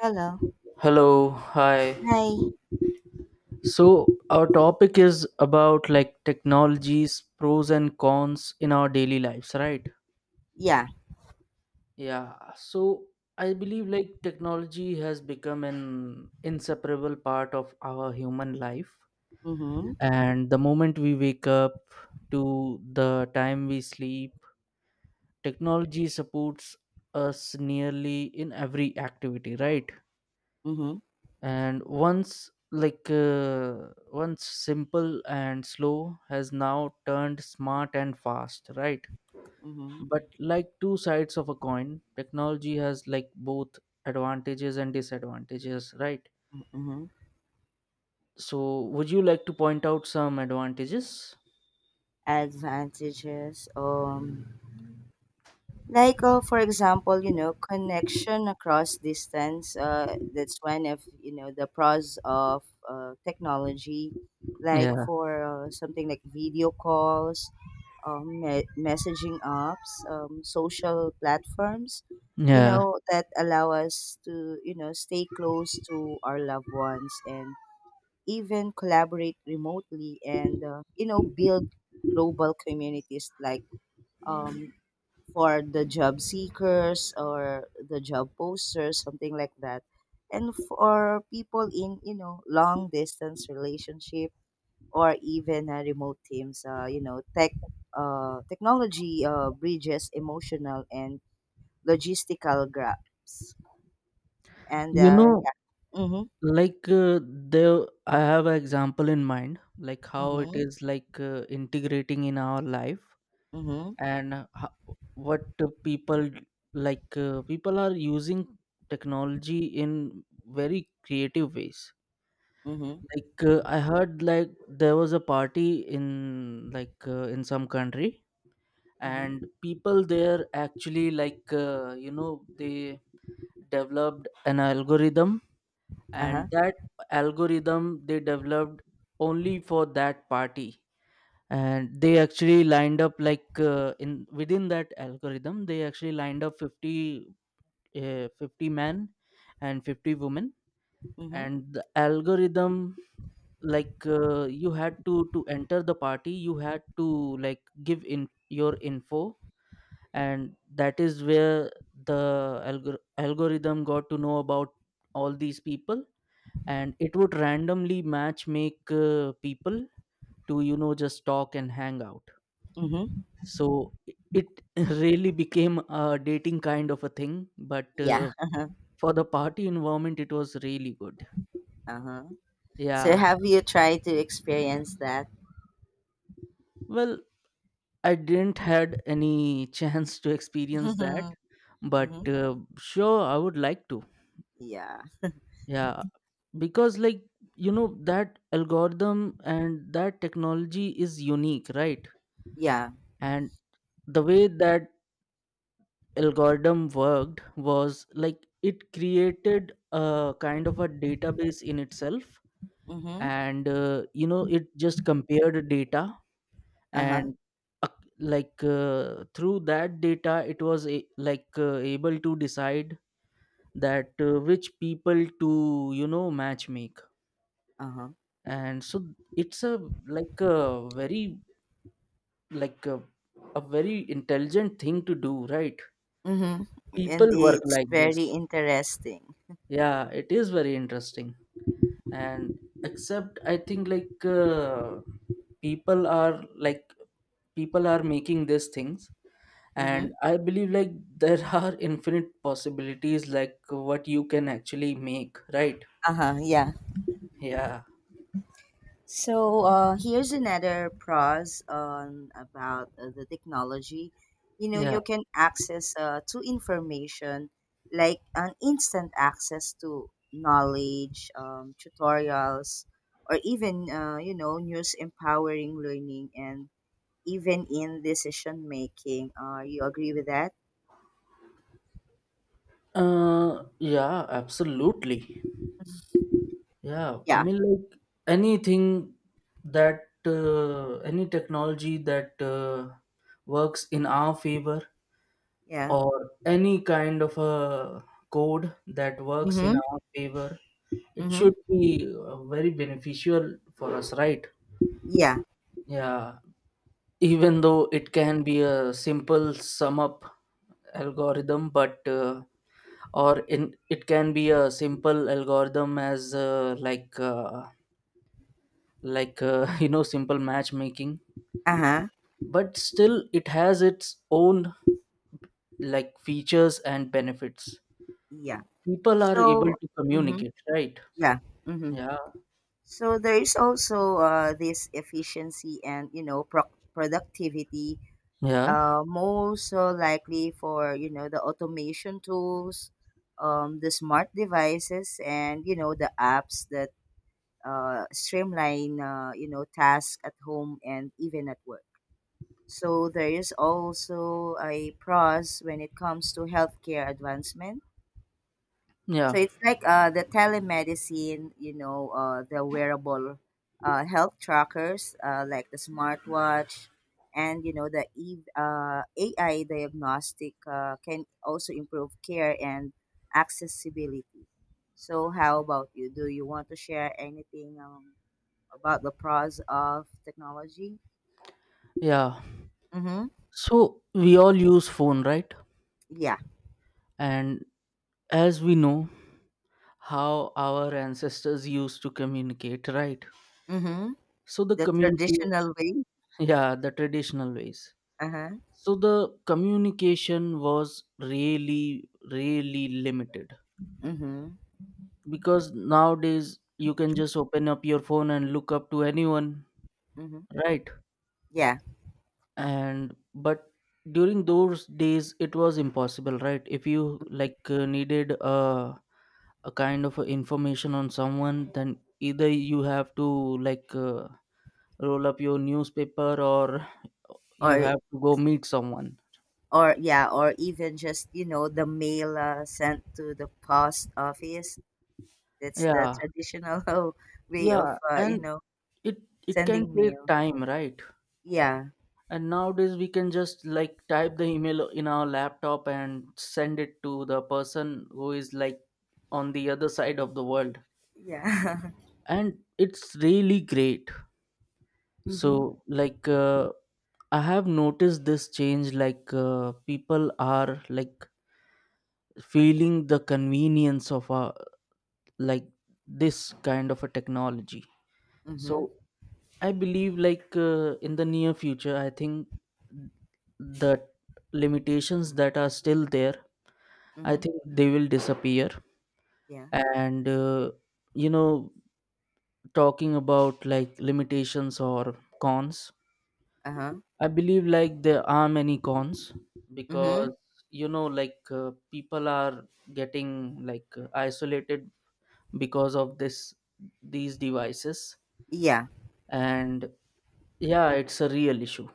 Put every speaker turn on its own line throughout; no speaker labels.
Hello.
Hello, hi.
Hi.
So, our topic is about technologies, pros and cons in our daily lives, right?
Yeah.
Yeah. So, I believe technology has become an inseparable part of our human life.
Mm-hmm.
And the moment we wake up to the time we sleep, technology supports us nearly in every activity, right?
Mm-hmm.
And once once simple and slow has now turned smart and fast, right?
Mm-hmm.
But like two sides of a coin, technology has like both advantages and disadvantages, right?
Mm-hmm.
So would you like to point out some advantages?
Advantages. Like for example, connection across distance. That's one of the pros of technology. Like
Yeah,
for something like video calls, messaging apps, social platforms. You
yeah,
know that allow us to stay close to our loved ones and even collaborate remotely and build global communities like um, for the job seekers or the job posters something like that, and for people in long distance relationship or even remote teams technology bridges emotional and logistical gaps and
you know,
yeah. Mm-hmm.
there, I have an example in mind, like how it
Mm-hmm.
is integrating in our life.
Mm-hmm.
And what people, people are using technology in very creative ways.
Mm-hmm.
Like, I heard like there was a party in in some country,
Mm-hmm.
and people there actually, you know, they developed an algorithm, and
Uh-huh.
that algorithm they developed only for that party. And they actually lined up, like in within that algorithm they actually lined up 50, 50 men and 50 women.
Mm-hmm.
And the algorithm, you had to enter the party, you had to like give in your info, and that is where the algorithm got to know about all these people, and it would randomly match make people to, you know, just talk and hang out.
Mm-hmm.
So it really became a dating kind of a thing, but
Yeah. Uh-huh.
for the party environment, it was really good.
Uh-huh. So
Yeah.
have you tried to experience that?
Well, I didn't had any chance to experience that,
Mm-hmm.
but sure, I would like to.
Yeah.
Yeah, because like, you know, that algorithm and that technology is unique, right?
Yeah.
And the way that algorithm worked was like it created a kind of a database in itself,
Mm-hmm.
and you know, it just compared data
Uh-huh.
and uh, through that data it was a, like able to decide that which people to, you know, match make.
Uh-huh.
And so it's a a very like a, a very intelligent thing to do, right?
Mm-hmm. And
People work
it's
like this.
very interesting.
Yeah, it is very interesting. And except I think people are like, people are making these things,
Mm-hmm.
and I believe like there are infinite possibilities like what you can actually make, right?
Uh-huh. Yeah.
Yeah,
So here's another pros on about the technology. You know,
yeah.
you can access to information like an instant access to knowledge, tutorials, or even news empowering learning and even in decision making. You agree with that?
Uh, yeah, absolutely. Yeah, I
Yeah.
mean like anything that any technology that works in our favor,
Yeah.
or any kind of a code that works in
Mm-hmm.
our favor, it
Mm-hmm.
should be very beneficial for us, right?
Yeah.
Yeah, even though it can be a simple sum up algorithm, but or in it can be a simple algorithm as you know, simple matchmaking,
Uh-huh.
but still it has its own like features and benefits.
Yeah.
People are able
So.
to
Mm-hmm.
communicate, right?
Yeah. Mm-hmm.
Yeah.
So there is also this efficiency and productivity,
Yeah,
most so likely for the automation tools, the smart devices, and the apps that streamline tasks at home and even at work. So there is also a pros when it comes to healthcare advancement, so
yeah,
it's like the telemedicine, the wearable health trackers like the smartwatch and, AI diagnostic can also improve care and accessibility. So how about you? Do you want to share anything about the pros of technology?
yeah.
Mm-hmm.
So we all use phone, right?
Yeah.
And as we know how our ancestors used to communicate, right?
Mm-hmm.
So the
The
communicate,
traditional way.
yeah, the traditional ways.
Uh-huh.
So the communication was really, really limited,
Mm-hmm.
because nowadays you can just open up your phone and look up to anyone,
Mm-hmm.
right?
Yeah.
And but during those days it was impossible, right? If you needed a kind of information on someone, then either you have to roll up your newspaper, or you
Or
have to go meet someone.
or yeah, or even just the mail sent to the post office, that's the
Yeah,
traditional way of
yeah, and it it can
sending
take
mail.
time, right?
Yeah.
And nowadays we can just like type the email in our laptop and send it to the person who is like on the other side of the world,
Yeah.
and it's really great. So
Mhm.
I have noticed this change, people are like feeling the convenience of a like this kind of a technology.
Mhm.
So I believe in the near future I think the limitations that are still there, I
Mhm.
think they will disappear.
Yeah.
And you know, talking about like limitations or cons,
Uh-huh.
I believe like there are many cons, because
Mhm.
you know, people are getting isolated because of this these devices.
Yeah.
And yeah, it's a real issue.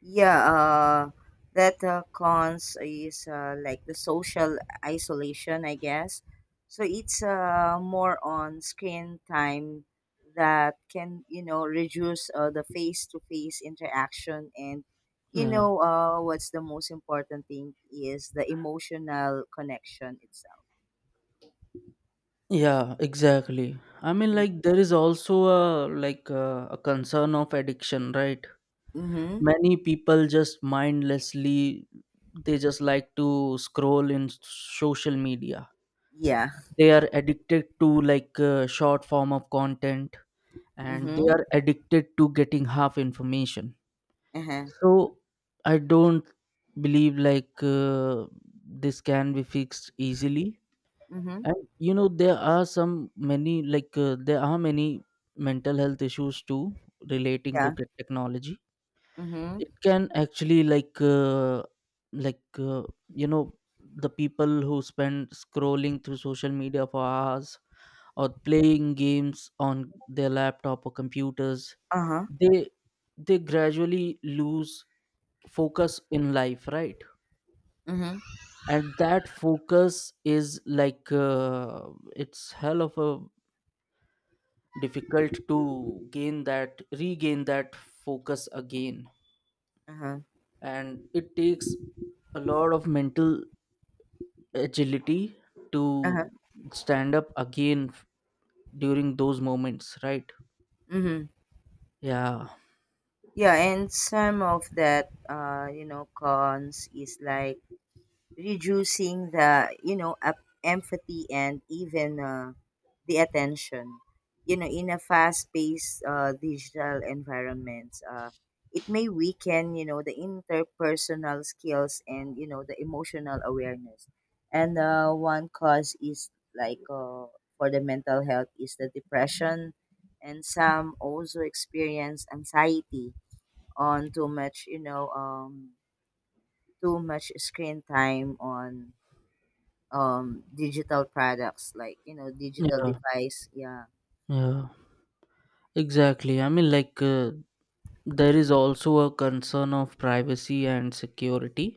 Yeah, that cons is like the social isolation, I guess. So it's more on screen time that can, reduce the face-to-face interaction. And,
Yeah,
what's the most important thing is the emotional connection itself.
yeah, exactly. I mean
Mm.
like there is also a a concern of addiction, right?
Mm-hmm.
Many people just mindlessly, they just like to scroll in social media.
Yeah.
They are addicted to short form of content, and they
Mm-hmm.
are addicted to getting half information.
Uh-huh.
So I don't believe this can be fixed easily.
Mm-hmm.
And you know there are some many there are many mental health issues too, relating to
Yeah.
technology.
Mm-hmm.
It can actually like uh, you know, the people who spend scrolling through social media for hours or playing games on their laptop or computers,
Uh-huh.
they gradually lose focus in life, right?
Mm-hmm.
And that focus is it's hell of a difficult to gain that regain that focus again.
Uh-huh.
And it takes a lot of mental agility
Uh-huh.
to stand up again during those moments, right?
Mm-hmm.
Yeah.
Yeah, and some of that, cons is like reducing the, you know, up empathy and even the attention. You know, in a fast-paced digital environment, it may weaken, the interpersonal skills and, the emotional awareness. And one cause is like for the mental health is the depression, and some also experience anxiety on too much, too much screen time on digital products like digital
Yeah,
device. Yeah.
yeah, exactly. I mean there is also a concern of privacy and security,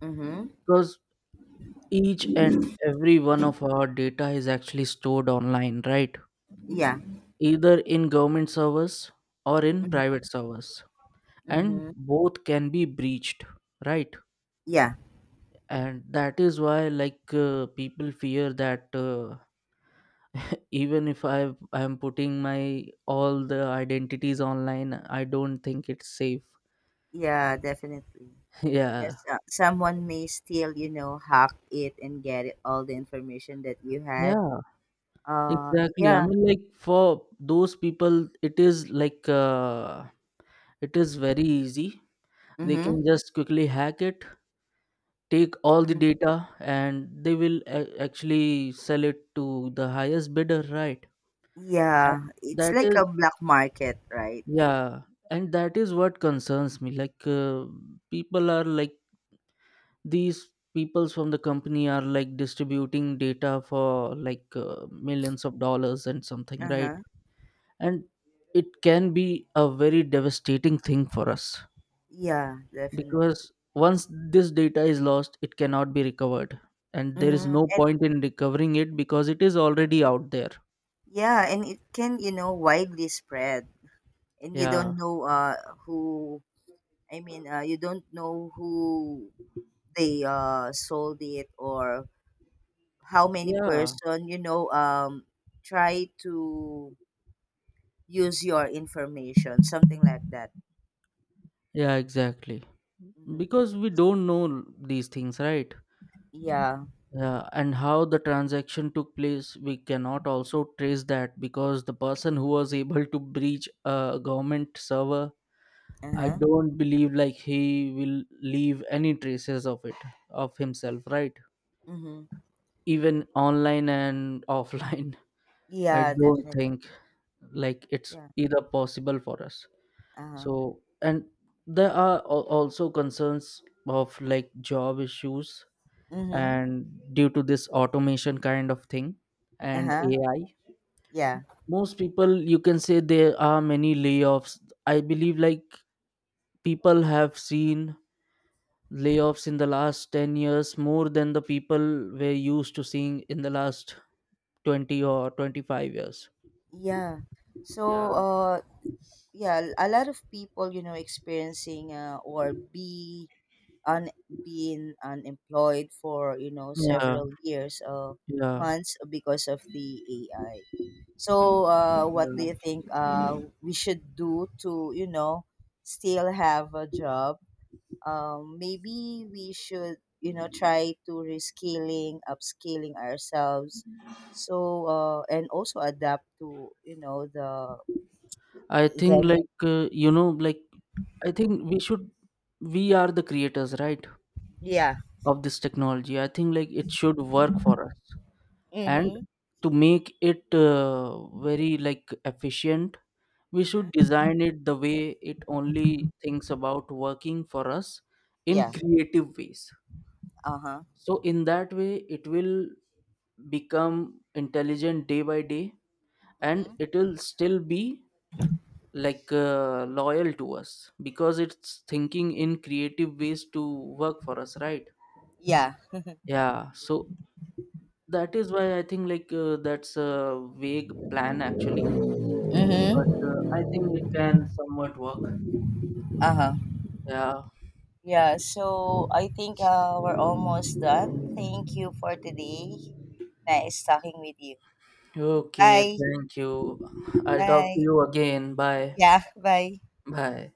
Mm-hmm.
because each and every one of our data is actually stored online, right?
Yeah.
Either in government servers or in
Mm-hmm.
private servers, and
Mm-hmm.
both can be breached, right?
Yeah.
And that is why people fear that even if I am putting my all the identities online, I don't think it's safe.
Yeah. Definitely.
Yeah.
Yes, someone may still, hack it and get it, all the information that you had.
Yeah,
Uh,
exactly. I
yeah.
mean like for those people it is it is very easy. They
Mm-hmm.
can just quickly hack it, take all the
Hmm.
data, and they will actually sell it to the highest bidder, right? and
Yeah, it's
that
like
is
a black market, right?
Yeah, and that is what concerns me. Like, people are like, these peoples from the company are like distributing data for millions of dollars and something, right?
Uh-huh.
And it can be a very devastating thing for us,
Yeah, definitely.
because once this data is lost, it cannot be recovered, and there is
Mm-hmm.
no point in recovering it because it is already out there.
Yeah, and it can, widely spread. And you don't
Yeah,
know who you don't know who they sold it or how many
yeah,
person, try to use your information, something like that.
yeah, exactly.
Mm-hmm.
Because we don't know these things, right?
Yeah.
Yeah, and how the transaction took place, we cannot also trace that, because the person who was able to breach a government server, I
Uh-huh.
don't believe like he will leave any traces of it, of himself, right?
Mm-hmm.
Even online and offline, I
Yeah,
don't
definitely.
think like it's
Yeah.
either possible for us.
Uh-huh.
So, and there are also concerns of like job issues,
Mm-hmm.
and due to this automation kind of thing and
Uh-huh.
AI,
Yeah.
most people you can say there are many layoffs. I believe like people have seen layoffs in the last 10 years more than the people were used to seeing in the last 20 or 25 years.
Yeah.
Yeah.
So uh yeah, a lot of people, experiencing or be un being unemployed for,
Yeah,
several years or
yeah,
months because of the AI. So, what do
yeah.
you think we should do to, still have a job? Maybe we should, try to rescaling, upscaling ourselves. So, and also adapt to, you know,
I think
the
you know, I think we should, we are the creators, right,
yeah.
of this technology. I think like it should work for us, and
Mm-hmm.
to make it very like efficient, we should
Uh-huh.
design it the way it only thinks about working for us in
Yeah.
creative ways.
Uh huh.
So in that way it will become intelligent day by day, and
Mm-hmm.
it will still be loyal to us because it's thinking in creative ways to work for us, right?
Yeah.
Yeah. So that is why I think that's a vague plan actually, but
Mm-hmm.
I think it can somewhat work.
Uh huh.
Yeah.
Yeah. So I think we're almost done. Thank you for today. Nice talking with you.
Okay,
Bye.
thank you. I'll talk to
Bye.
you again. Bye.
Yeah. Bye.
Bye.